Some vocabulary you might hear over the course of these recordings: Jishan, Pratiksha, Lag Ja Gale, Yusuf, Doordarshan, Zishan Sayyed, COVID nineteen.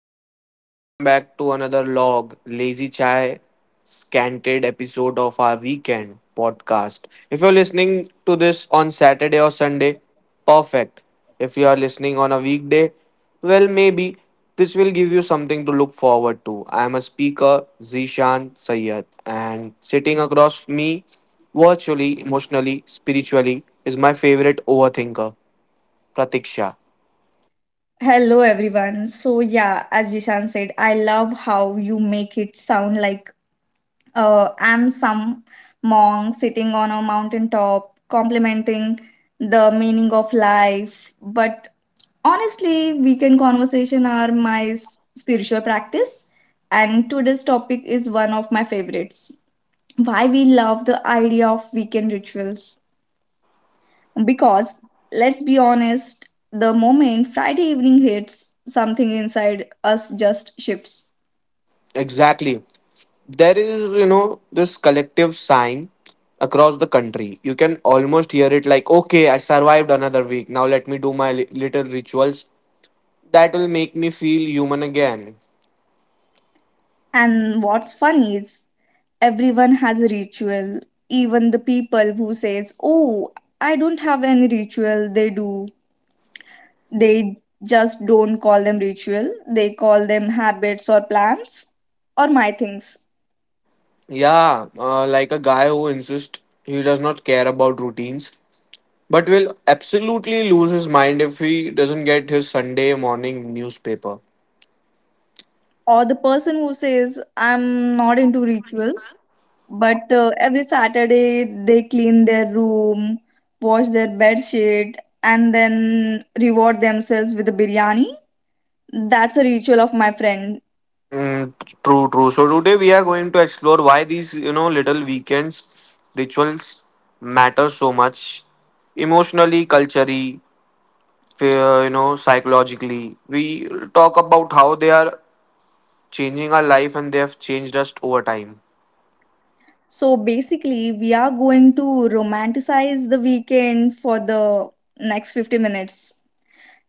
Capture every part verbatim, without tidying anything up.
hello, and welcome back to another log, Lazy Chai, scanted episode of our weekend podcast. If you're listening to this on Saturday or Sunday, perfect. If you are listening on a weekday, well, maybe this will give you something to look forward to. I am a speaker, Zishan Sayyed, and sitting across me, virtually, emotionally, spiritually, is my favorite overthinker, Pratiksha. Hello everyone. So yeah, as Jishan said, I love how you make it sound like uh, I'm some monk sitting on a mountain top, complimenting the meaning of life. But honestly, weekend conversation are my s- spiritual practice, and today's topic is one of my favorites. Why we love the idea of weekend rituals. Because let's be honest, the moment Friday evening hits, something inside us just shifts. Exactly. There is, you know, this collective sign across the country. You can almost hear it, like, okay, I survived another week. Now let me do my li- little rituals that will make me feel human again. And what's funny is everyone has a ritual, even the people who says, "Oh, I don't have any ritual." They do. They just don't call them ritual. They call them habits or plans or my things. Yeah, uh, like a guy who insists he does not care about routines but will absolutely lose his mind if he doesn't get his Sunday morning newspaper. Or the person who says, "I'm not into rituals." But uh, every Saturday they clean their room, wash their bed sheet, and then reward themselves with a biryani. That's a ritual of my friend. Mm, true, true. So today we are going to explore why these, you know, little weekends rituals matter so much emotionally, culturally, fe- uh, you know, psychologically. We talk about how they are changing our life and they have changed us over time. So basically, we are going to romanticize the weekend for the next fifty minutes.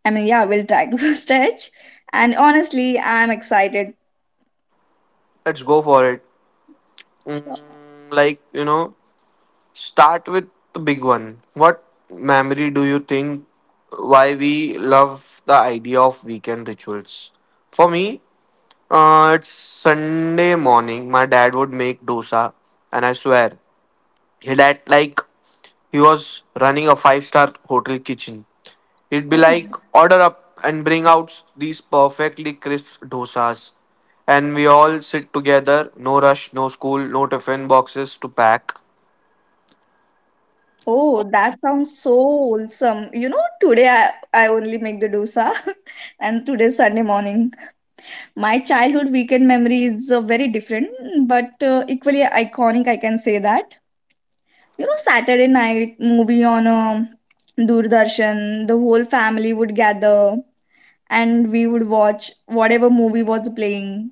I mean, yeah, we'll try to stretch. And honestly, I'm excited. Let's go for it. Mm, Sure. like, you know, start with the big one. What memory do you think why we love the idea of weekend rituals? For me, Uh, it's Sunday morning. My dad would make dosa, and I swear, he had, like, he was running a five-star hotel kitchen. He'd be Oh, like, order up, and bring out these perfectly crisp dosas. And we all sit together, no rush, no school, no tiffin boxes to pack. oh, that sounds so wholesome. You know, today I, I only make the dosa, and today's Sunday morning. My childhood weekend memory is uh, very different, but uh, equally iconic, I can say that. You know, Saturday night movie on um Doordarshan, the whole family would gather and we would watch whatever movie was playing.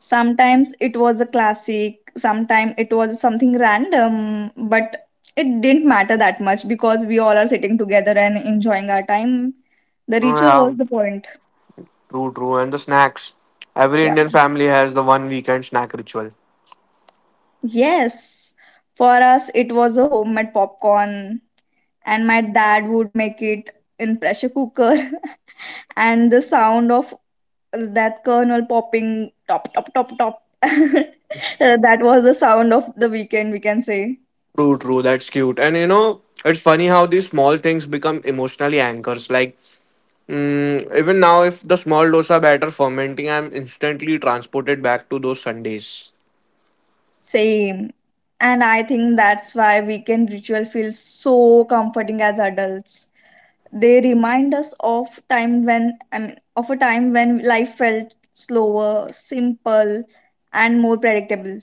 Sometimes it was a classic, sometimes it was something random, but it didn't matter that much because we all are sitting together and enjoying our time. The Oh, ritual was yeah, the point. true, true. And the snacks. Every Yeah. Indian family has the one weekend snack ritual. Yes, for us it was a homemade popcorn, and my dad would make it in pressure cooker, and the sound of that kernel popping top top top top. Uh, that was the sound of the weekend, we can say. True, true. That's cute. And you know, it's funny how these small things become emotionally anchors. Like, Mm, even now, if the small dosa batter fermenting, I'm instantly transported back to those Sundays. Same. And I think that's why weekend ritual feels so comforting as adults. They remind us of time when I mean of a time when life felt slower, simple, and more predictable.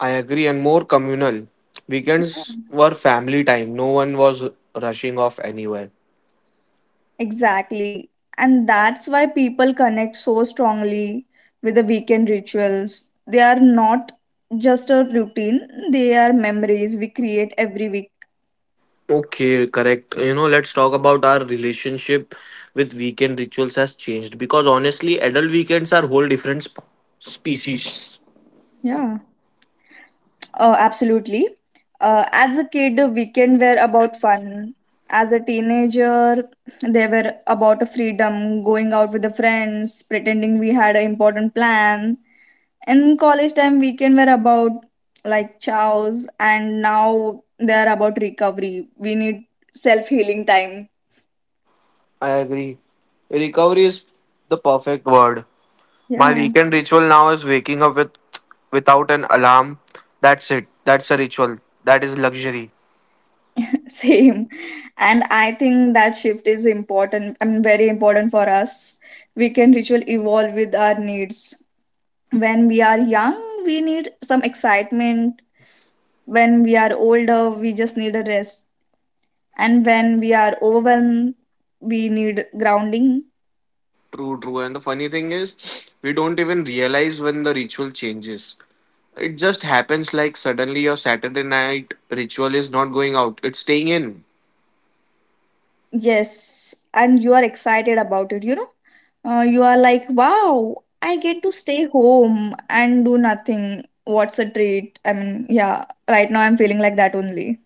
I agree, and more communal. Weekends were family time, no one was rushing off anywhere. Exactly. And that's why people connect so strongly with the weekend rituals. They are not just a routine, they are memories we create every week. Okay, correct. You know, let's talk about our relationship with weekend rituals has changed because honestly, adult weekends are whole different sp- species. Yeah. Uh, absolutely. Uh, as a kid, the weekend were about fun. As a teenager, they were about freedom, going out with the friends, pretending we had an important plan, in college time weekend were about like chows, and now they're about recovery. We need self healing time. I agree. Recovery is the perfect word. My Yeah. weekend ritual now is waking up with without an alarm. That's it. That's a ritual. That is luxury. Same. And I think that shift is important and very important for us. Weekend ritual evolve with our needs. When we are young, we need some excitement. When we are older, we just need a rest. And when we are overwhelmed, we need grounding. True, true. And the funny thing is, we don't even realize when the ritual changes. It just happens like suddenly your Saturday night ritual is not going out, it's staying in. Yes, and you are excited about it, you know? Uh, you are like, wow, I get to stay home and do nothing. What's a treat? I mean, yeah, right now I'm feeling like that only.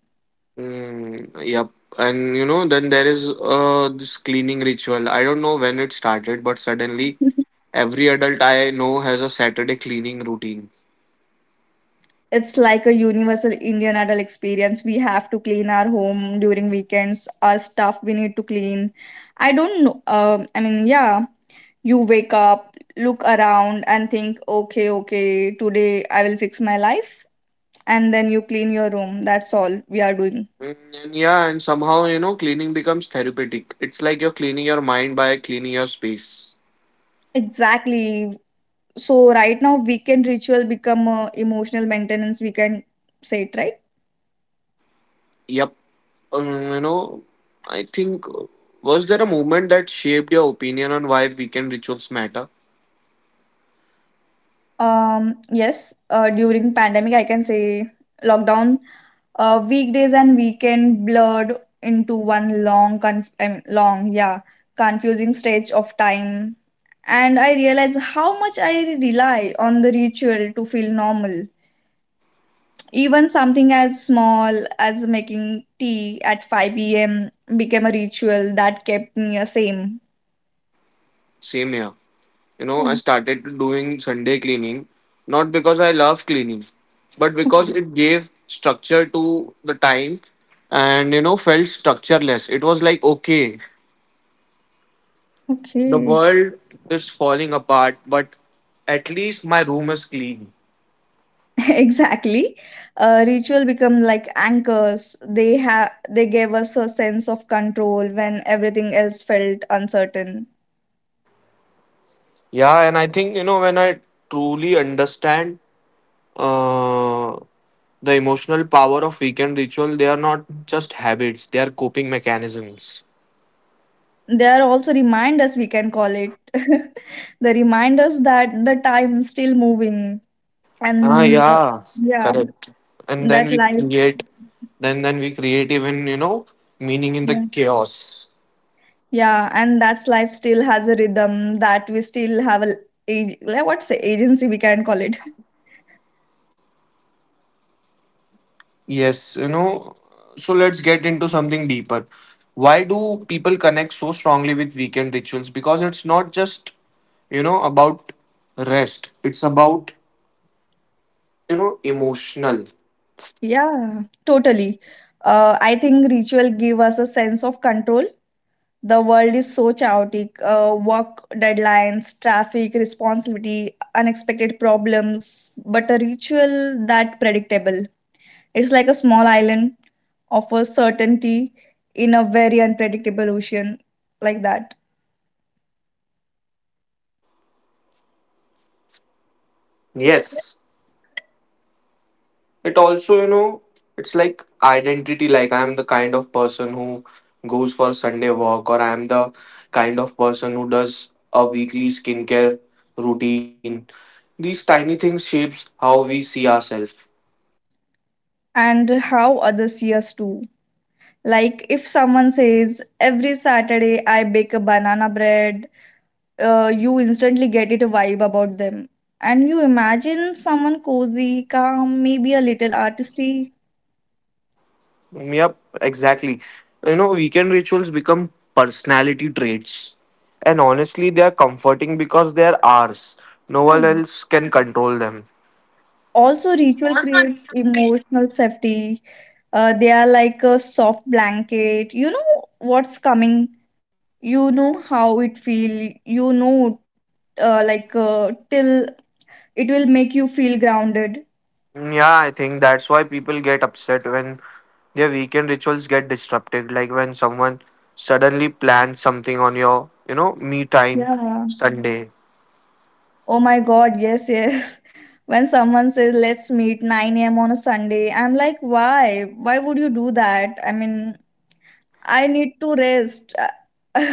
Mm, yep. And you know, then there is uh, this cleaning ritual. I don't know when it started, but suddenly every adult I know has a Saturday cleaning routine. It's like a universal Indian adult experience. We have to clean our home during weekends, our stuff we need to clean. I don't know. Um, I mean, yeah, you wake up, look around, and think, okay, okay, today I will fix my life. And then you clean your room. That's all we are doing. Mm, And yeah, and somehow, you know, cleaning becomes therapeutic. It's like you're cleaning your mind by cleaning your space. Exactly. So right now weekend ritual become uh, emotional maintenance, we can say it, right? Yep. Um, you know, I think, uh, was there a moment that shaped your opinion on why weekend rituals matter? Um yes, uh, during pandemic I can say lockdown, uh, weekdays and weekend blurred into one long conf- I mean, long yeah confusing stretch of time, and I realize how much I rely on the ritual to feel normal. Even something as small as making tea at five p m became a ritual that kept me the same. Same here. You know, I Yeah. started doing Sunday cleaning, not because I love cleaning, but because Okay. it gave structure to the time and, you know, felt structureless. It was like, okay, the Okay. world is falling apart, but at least my room is clean. Exactly. Uh, ritual become like anchors. They have they gave us a sense of control when everything else felt uncertain. Yeah, and I think, you know, when I truly understand uh, the emotional power of weekend ritual, they are not just habits, they are coping mechanisms. They are also reminders, we can call it. The reminders that the time still moving, Ah, and uh, yeah, yeah, correct. And that then we life. create, then then we create even, you know, meaning in the Yeah. chaos. Yeah, and that's life still has a rhythm, that we still have a a- like what's the agency, we can call it. Yes, you know, so let's get into something deeper. Why do people connect so strongly with weekend rituals? Because it's not just, you know, about rest, it's about, you know, emotional. Yeah, totally. Uh, I think ritual give us a sense of control. The world is so chaotic. Uh, work deadlines, traffic, responsibility, unexpected problems. But a ritual that predictable. It's like a small island of a certainty in a very unpredictable ocean, like that. Yes, it also, you know, it's like identity. Like, I am the kind of person who goes for Sunday walk, or I am the kind of person who does a weekly skincare routine. These tiny things shapes how we see ourselves. And how others see us too. Like if someone says, every Saturday I bake a banana bread, uh, you instantly get it a vibe about them. And you imagine someone cozy, calm, maybe a little artisty. Yep, exactly. You know, weekend rituals become personality traits. And honestly, they are comforting because they are ours. No Yeah. one else can control them. Also, ritual creates emotional safety. Uh, they are like a soft blanket. You know what's coming. You know how it feel. You know uh, like uh, till it will make you feel grounded. Mm, yeah, I think that's why people get upset when their weekend rituals get disrupted. Like when someone suddenly plans something on your, you know, me time Yeah. Sunday. Oh my God, yes, yes. When someone says, let's meet nine a m on a Sunday, I'm like, why? Why would you do that? I mean, I need to rest.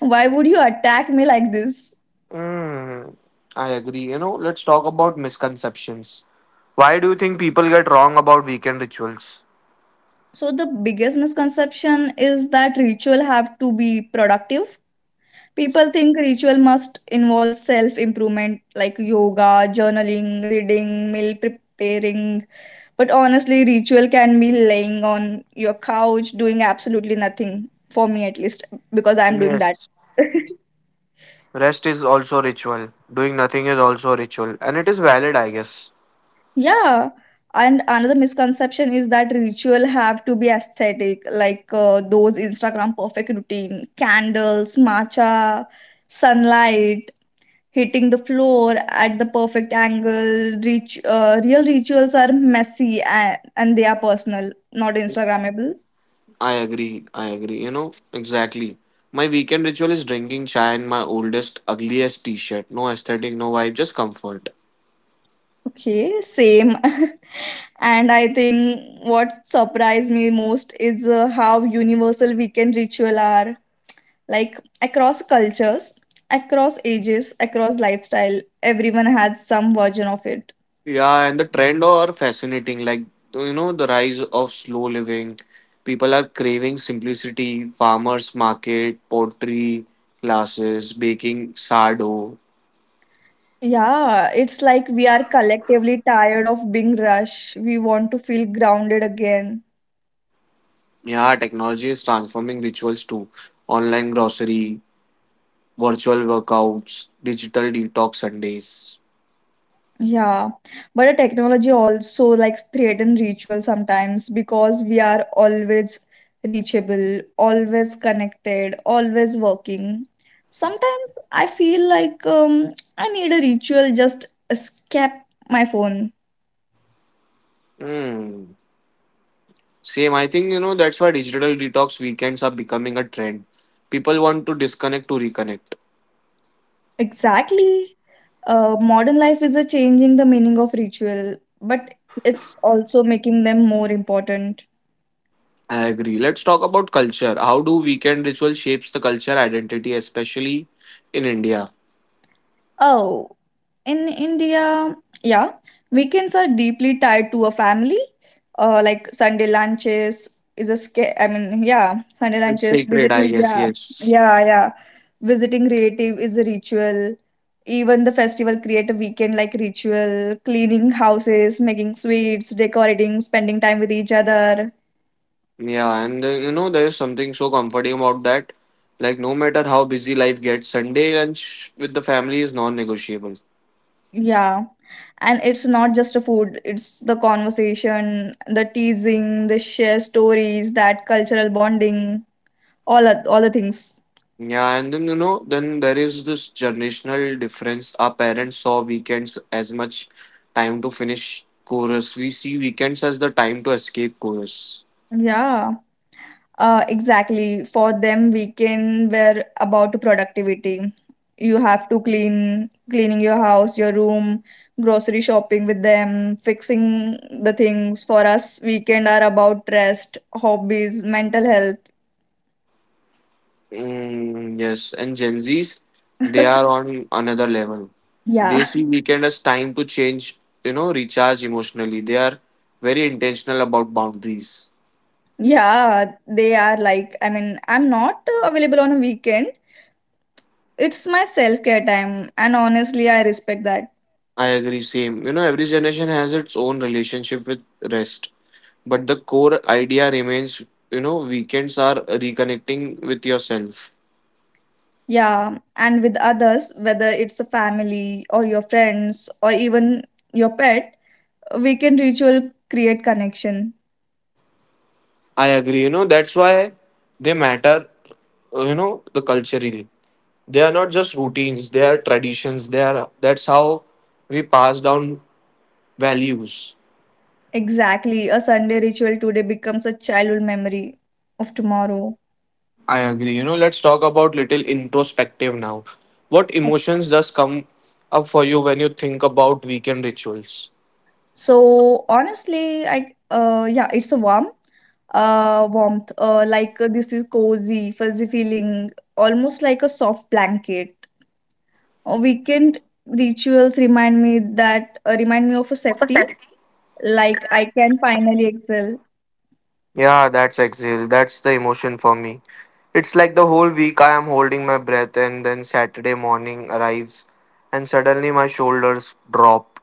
Why would you attack me like this? Mm, I agree. You know, let's talk about misconceptions. Why do you think people get wrong about weekend rituals? So, the biggest misconception is that ritual have to be productive. People think ritual must involve self improvement like yoga, journaling, reading, meal preparing. But honestly, ritual can be laying on your couch doing absolutely nothing, for me at least, because I'm doing that. Yes. Rest is also ritual. Doing nothing is also ritual. And it is valid, I guess. Yeah. And another misconception is that ritual have to be aesthetic, like uh, those Instagram perfect routine, candles, matcha, sunlight hitting the floor at the perfect angle. Reach, uh, real rituals are messy, and, and they are personal, not Instagrammable. I agree. I agree. You know, exactly. My weekend ritual is drinking chai in my oldest, ugliest t shirt. No aesthetic, no vibe, just comfort. Okay, same. And I think what surprised me most is uh, how universal weekend ritual are. Like across cultures, across ages, across lifestyle, everyone has some version of it. Yeah, and the trend are fascinating. Like, you know, the rise of slow living. People are craving simplicity, farmers market, pottery classes, baking sourdough. Yeah, it's like we are collectively tired of being rushed. We want to feel grounded again. Yeah, technology is transforming rituals too. Online grocery, virtual workouts, digital detox Sundays. Yeah, but the technology also like threaten ritual sometimes because we are always reachable, always connected, always working. Sometimes I feel like um, I need a ritual just escape my phone. Mm. Same. I think, you know, that's why digital detox weekends are becoming a trend. People want to disconnect to reconnect. Exactly. Uh, modern life is a changing the meaning of ritual, but it's also making them more important. I agree. Let's talk about culture. How do weekend ritual shapes the culture identity, especially in India? Oh, in India, yeah, weekends are deeply tied to a family. Uh, like Sunday lunches is a sca- I mean, yeah, Sunday It's lunches, sacred, I visiting, guess, yeah, yes. yeah, yeah, visiting relative is a ritual. Even the festival create a weekend like ritual, cleaning houses, making sweets, decorating, spending time with each other. Yeah, and then, you know, there is something so comforting about that. Like, no matter how busy life gets, Sunday lunch with the family is non negotiable. Yeah. And it's not just a food, it's the conversation, the teasing, the share stories, that cultural bonding, all oth- all the things. Yeah, and then, you know, then there is this generational difference. Our parents saw weekends as much time to finish chorus. We see weekends as the time to escape chorus. Yeah, uh, exactly, for them weekend were about productivity. You have to clean, cleaning your house, your room, grocery shopping with them, fixing the things. For us, weekend are about rest, hobbies, mental health. Mm, yes, and Gen Zs, they are on another level. Yeah. They see weekend as time to change, you know, recharge emotionally. They are very intentional about boundaries. Yeah, they are like, I mean, I'm not uh, available on a weekend. It's my self-care time, and honestly, I respect that. I agree, same. You know, every generation has its own relationship with rest. But the core idea remains, you know, weekends are reconnecting with yourself. Yeah, and with others, whether it's a family or your friends or even your pet, a weekend ritual create connection. I agree. You know, that's why they matter, uh, you know, the culturally they are not just routines, they are traditions, they are that's how we pass down values. Exactly, a Sunday ritual today becomes a childhood memory of tomorrow. I agree. You know, let's talk about little introspective now. What emotions does come up for you when you think about weekend rituals? So honestly, I uh yeah, it's a warm uh warmth. Uh, like uh, this is cozy, fuzzy feeling, almost like a soft blanket. A weekend rituals remind me that uh, remind me of a safety, like I can finally excel. Yeah, that's exhale. That's the emotion for me. It's like the whole week I am holding my breath, and then Saturday morning arrives, and suddenly my shoulders drop.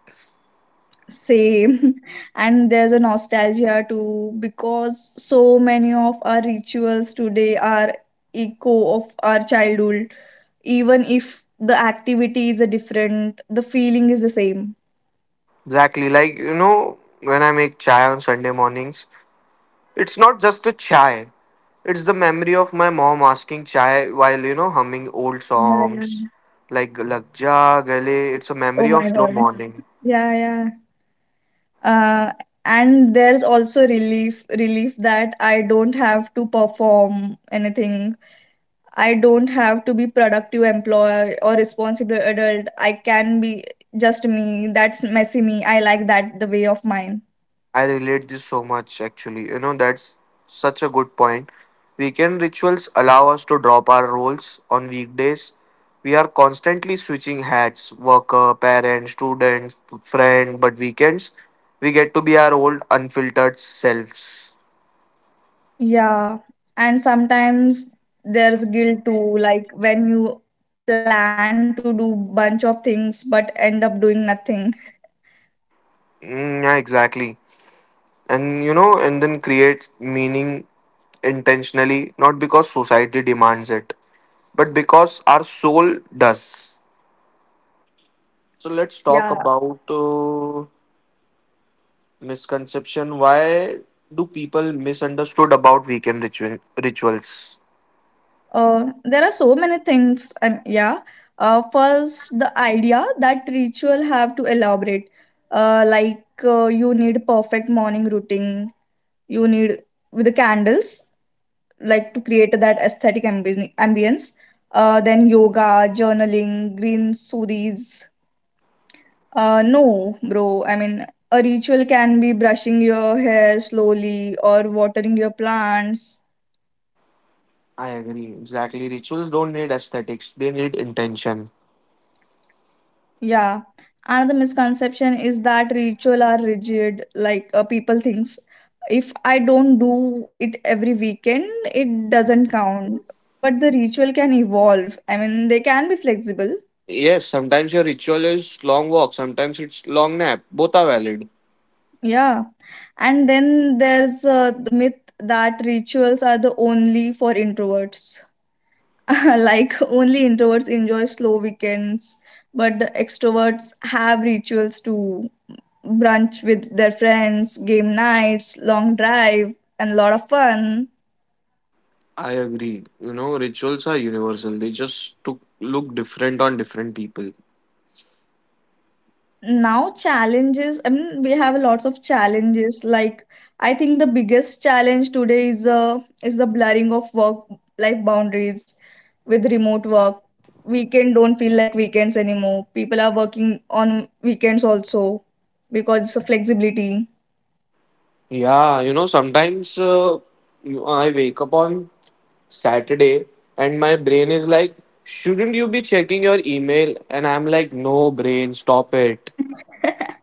Same. And there's a nostalgia too, because so many of our rituals today are echo of our childhood. Even if the activity is a different, the feeling is the same. Exactly, like, you know, when I make chai on Sunday mornings, it's not just a chai, it's the memory of my mom asking chai while, you know, humming old Yeah, yeah. songs like Lag Ja Gale. It's a Oh memory of my slow God. morning. Yeah, yeah. Uh, and there's also relief, relief that I don't have to perform anything. I don't have to be productive employee or responsible adult. I can be just me. That's messy me. I like that the way of mine. I relate this so much actually. You know, that's such a good point. Weekend rituals allow us to drop our roles on weekdays. We are constantly switching hats, worker, parent, student, friend, but weekends we get to be our old unfiltered selves. Yeah. And sometimes there's guilt too, like when you plan to do bunch of things but end up doing nothing. Mm, yeah, exactly. And you know, and then create meaning intentionally, not because society demands it, but because our soul does. So let's talk Yeah. about uh, misconception. Why do people misunderstood about weekend ritual, rituals? Uh, there are so many things. Um, yeah. Uh, first, the idea that ritual have to elaborate. Uh, like uh, you need perfect morning routine, you need with the candles, like to create that aesthetic ambi- ambience, uh, then yoga, journaling, green smoothies. Uh, no bro, I mean, a ritual can be brushing your hair slowly or watering your plants. I agree. Exactly. Rituals don't need aesthetics, they need intention. Yeah, another misconception is that ritual are rigid, like uh, people thinks if I don't do it every weekend, it doesn't count, but the ritual can evolve, I mean they can be flexible. Yes, sometimes your ritual is long walk, sometimes it's long nap. Both are valid. Yeah. And then there's uh, the myth that rituals are the only for introverts. Like only introverts enjoy slow weekends, but the extroverts have rituals too. Brunch with their friends, game nights, long drive, and a lot of fun. I agree. You know, rituals are universal. They just took, look different on different people. Now challenges, I mean, we have lots of challenges. Like I think the biggest challenge today is uh, is the blurring of work life boundaries with remote work. Weekend don't feel like weekends anymore. People are working on weekends also because of flexibility. Yeah, you know, sometimes uh, you- I wake up on Saturday and my brain is like, shouldn't you be checking your email? And I'm like, no, brain, stop it.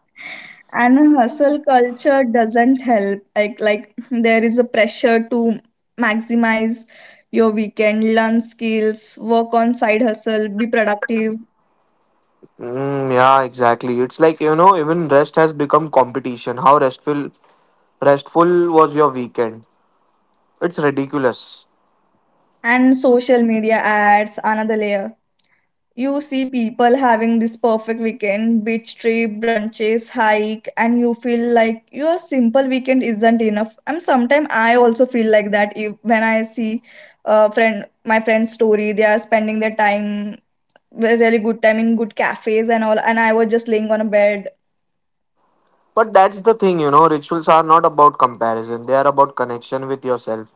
And a hustle culture doesn't help, like like there is a pressure to maximize your weekend, learn skills, work on side hustle, be productive. Mm, yeah, exactly. It's like, you know, even rest has become competition. How restful restful was your weekend? It's ridiculous. And social media ads another layer. You see people having this perfect weekend, beach trip, brunches, hike, and you feel like your simple weekend isn't enough. And sometimes I also feel like that if, when I see uh, friend my friend's story, they are spending their time a really good time in good cafes and all, and I was just laying on a bed. But that's the thing, you know, rituals are not about comparison. They are about connection with yourself,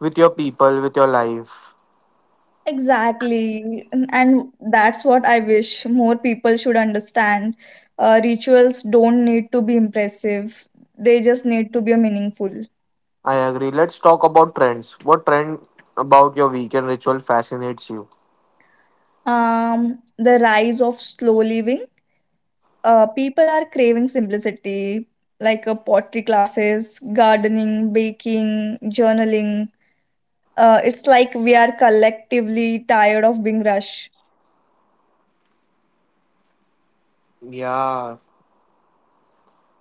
with your people, with your life. Exactly. And and that's what I wish more people should understand. Uh, rituals don't need to be impressive, they just need to be meaningful. I agree. Let's talk about trends. What trend about your weekend ritual fascinates you? Um, the rise of slow living. Uh, people are craving simplicity, like uh, pottery classes, gardening, baking, journaling. Uh, it's like we are collectively tired of being rushed. Yeah,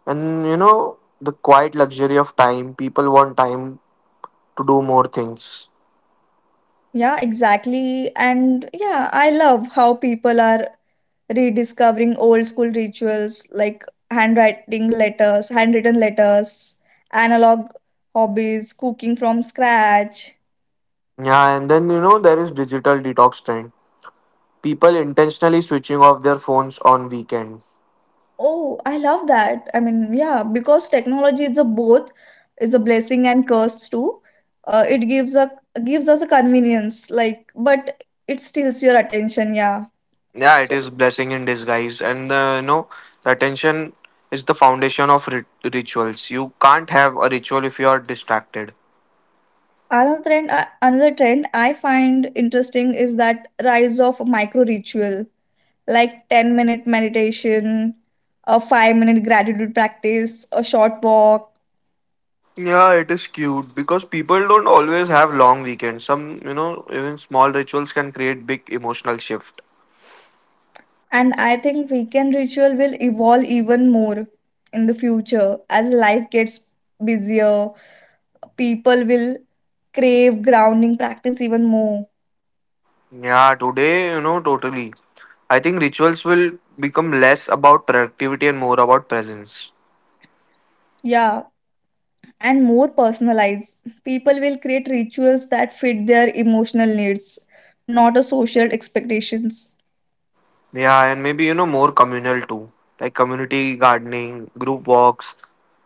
and you know, the quiet luxury of time, people want time to do more things. Yeah, exactly. And yeah, I love how people are rediscovering old school rituals like handwriting letters, handwritten letters, analog hobbies, cooking from scratch. Yeah, and then, you know, there is digital detox trend. People intentionally switching off their phones on weekend. Oh, I love that. I mean, yeah, because technology is a both, it's a blessing and curse too. Uh, it gives a Gives us a convenience, like, but it steals your attention. Yeah. Yeah, it So is blessing in disguise. And uh, you know, the attention is the foundation of rit- rituals. You can't have a ritual if you are distracted. another trend, uh, another trend I find interesting is that rise of micro ritual like ten minute meditation, a five minute gratitude practice, a short walk. Yeah, it is cute because people don't always have long weekends. Some, you know, even small rituals can create big emotional shift. And I think weekend ritual will evolve even more in the future as life gets busier. People will crave grounding practice even more. Yeah, today, you know, totally. I think rituals will become less about productivity and more about presence. Yeah, and more personalized. People will create rituals that fit their emotional needs, not a social expectations. Yeah, and maybe, you know, more communal too, like community gardening, group walks,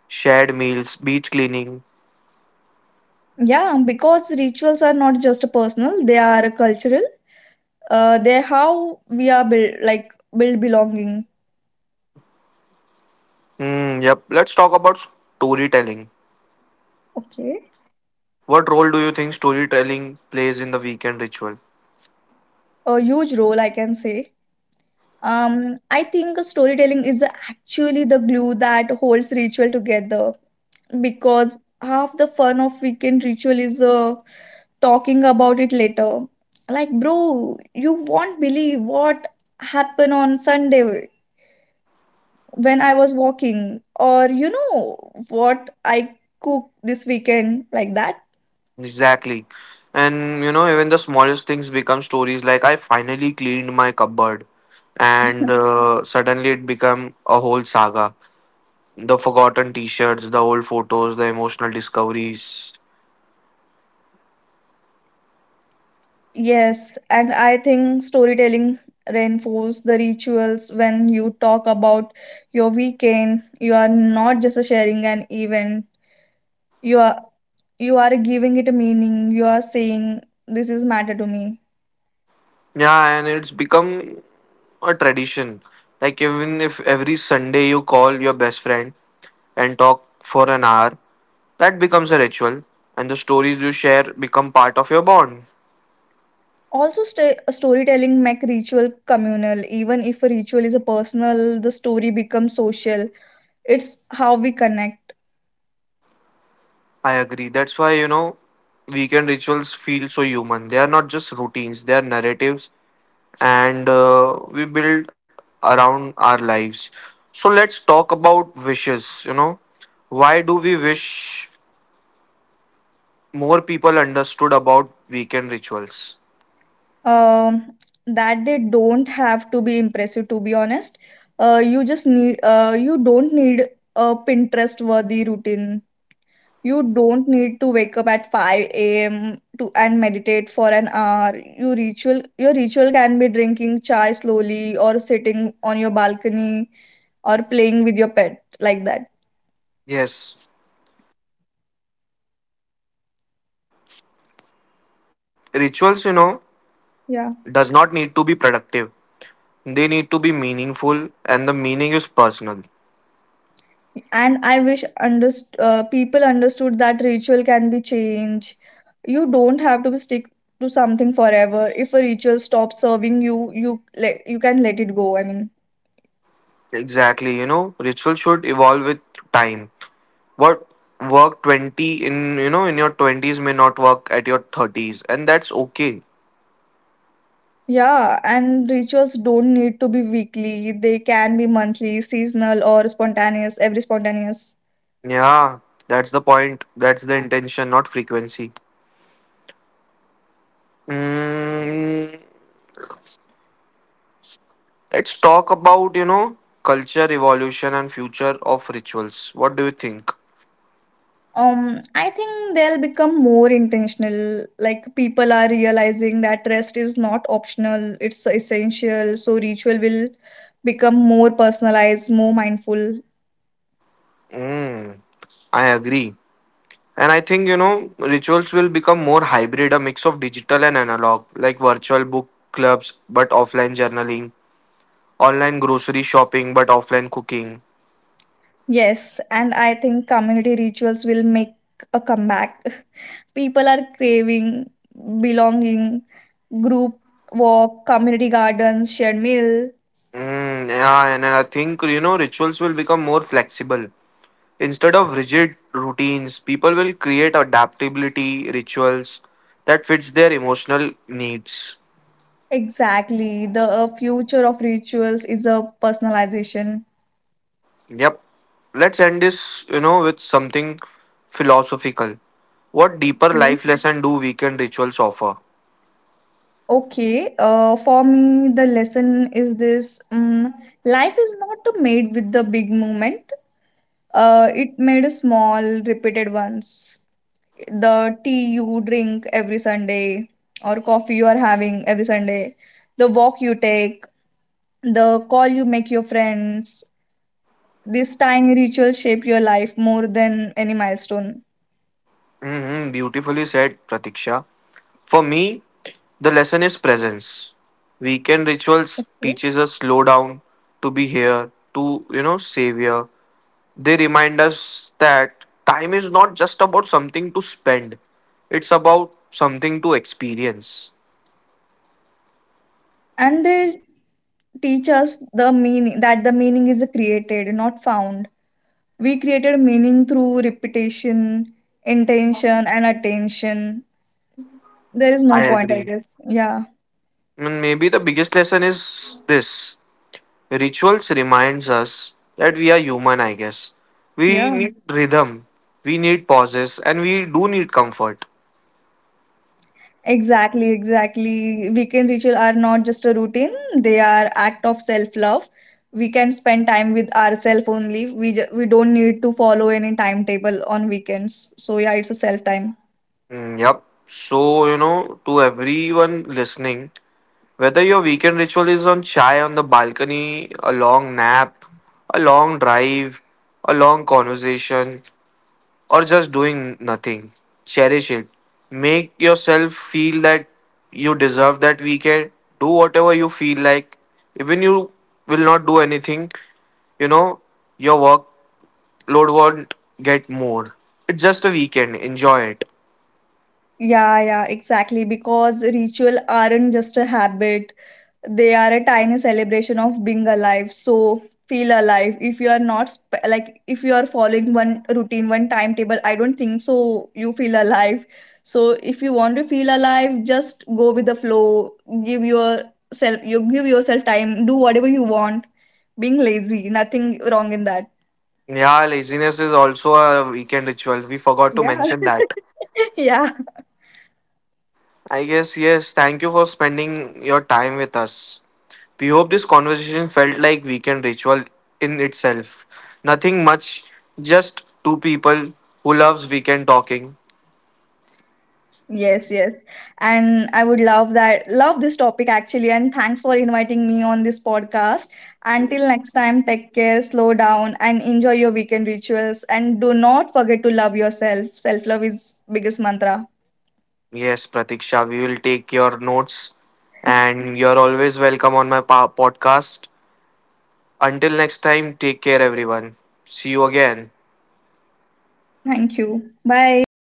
shared meals, beach cleaning. Yeah, because rituals are not just a personal, they are a cultural. Uh, they how we are build like build belonging. Hmm. Yep. Let's talk about storytelling. Okay. What role do you think storytelling plays in the weekend ritual? A huge role, I can say. um I think storytelling is actually the glue that holds ritual together, because half the fun of weekend ritual is uh, talking about it later, like, bro, you won't believe what happened on Sunday when I was walking, or you know what I cooked this weekend, like that. Exactly. And you know, even the smallest things become stories. Like, I finally cleaned my cupboard, and uh, suddenly it became a whole saga, the forgotten t-shirts, the old photos, the emotional discoveries. Yes, and I think storytelling reinforces the rituals. When you talk about your weekend, you are not just sharing an event. You are you are giving it a meaning. You are saying this is matter to me. Yeah, and it's become a tradition. Like, even if every Sunday you call your best friend and talk for an hour, that becomes a ritual, and the stories you share become part of your bond. Also, sta storytelling make ritual communal. Even if a ritual is a personal, the story becomes social. It's how we connect. I agree. That's why, you know, weekend rituals feel so human. They are not just routines, they are narratives, and uh, we build around our lives. So let's talk about wishes. You know, why do we wish more people understood about weekend rituals? Um, that they don't have to be impressive, to be honest. Uh, you just need, uh, you don't need a Pinterest worthy routine. You don't need to wake up at five a m to and meditate for an hour. Your ritual, your ritual can be drinking chai slowly or sitting on your balcony or playing with your pet, like that. Yes, rituals, you know, Yeah. does not need to be productive. They need to be meaningful, and the meaning is personal. And I wish underst- uh, people understood that ritual can be changed. You don't have to be stick to something forever. If a ritual stops serving you, you let you can let it go, I mean. Exactly, you know, ritual should evolve with time. What worked twenty in, you know, in your twenties may not work at your thirties, and that's okay. Yeah, and rituals don't need to be weekly, they can be monthly, seasonal, or spontaneous every spontaneous. Yeah, that's the point. That's the intention, not frequency. Mm, let's talk about, you know, culture, evolution, and future of rituals. What do you think? Um, I think they'll become more intentional. Like, people are realizing that rest is not optional, it's essential. So ritual will become more personalized, more mindful. Mm, I agree. And I think, you know, rituals will become more hybrid, a mix of digital and analog, like virtual book clubs, but offline journaling, online grocery shopping, but offline cooking. Yes, and I think community rituals will make a comeback. People are craving belonging, group walk, community gardens, shared meal. Mm, yeah, and I think, you know, rituals will become more flexible. Instead of rigid routines, people will create adaptability rituals that fits their emotional needs. Exactly. The uh, future of rituals is a personalization. Yep. Let's end this, you know, with something philosophical. What deeper life lesson do weekend rituals offer? Okay, uh, for me, the lesson is this. Um, life is not made with the big movement, uh, it made a small, repeated ones. The tea you drink every Sunday, or coffee you are having every Sunday, the walk you take, the call you make your friends, these tiny rituals shape your life more than any milestone. Hmm, beautifully said, Pratiksha. For me, the lesson is presence. Weekend rituals teaches us slow down, to be here, to, you know, savor. They remind us that time is not just about something to spend, it's about something to experience. And they teach us the meaning, that the meaning is created, not found. We created meaning through repetition, intention, and attention. There is no I point, I agree. guess. Yeah, And maybe the biggest lesson is this. Rituals reminds us that we are human, I guess. We yeah. need rhythm, we need pauses, and we do need comfort. Exactly, exactly. Weekend ritual are not just a routine; they are act of self-love. We can spend time with ourselves only. We ju- we don't need to follow any timetable on weekends. So yeah, it's a self time. Mm, yep. So, you know, to everyone listening, whether your weekend ritual is on chai on the balcony, a long nap, a long drive, a long conversation, or just doing nothing, cherish it. Make yourself feel that you deserve that weekend. Do whatever you feel like. Even you will not do anything, you know, your workload won't get more. It's just a weekend. Enjoy it. Yeah, yeah, exactly. Because ritual aren't just a habit; they are a tiny celebration of being alive. So feel alive. If you are not sp- like if you are following one routine, one timetable, I don't think so you feel alive. So if you want to feel alive, just go with the flow. Give yourself you give yourself time. Do whatever you want. Being lazy, nothing wrong in that. Yeah, laziness is also a weekend ritual. We forgot to Yeah. mention that. Yeah. I guess, yes. Thank you for spending your time with us. We hope this conversation felt like weekend ritual in itself. Nothing much, just two people who loves weekend talking. Yes, yes. And I would love that, love this topic actually. And thanks for inviting me on this podcast. Until next time, take care, slow down, and enjoy your weekend rituals. And do not forget to love yourself. Self love is biggest mantra. Yes, Pratiksha, we will take your notes and you're always welcome on my pa- podcast. Until next time, take care everyone. See you again. Thank you. Bye.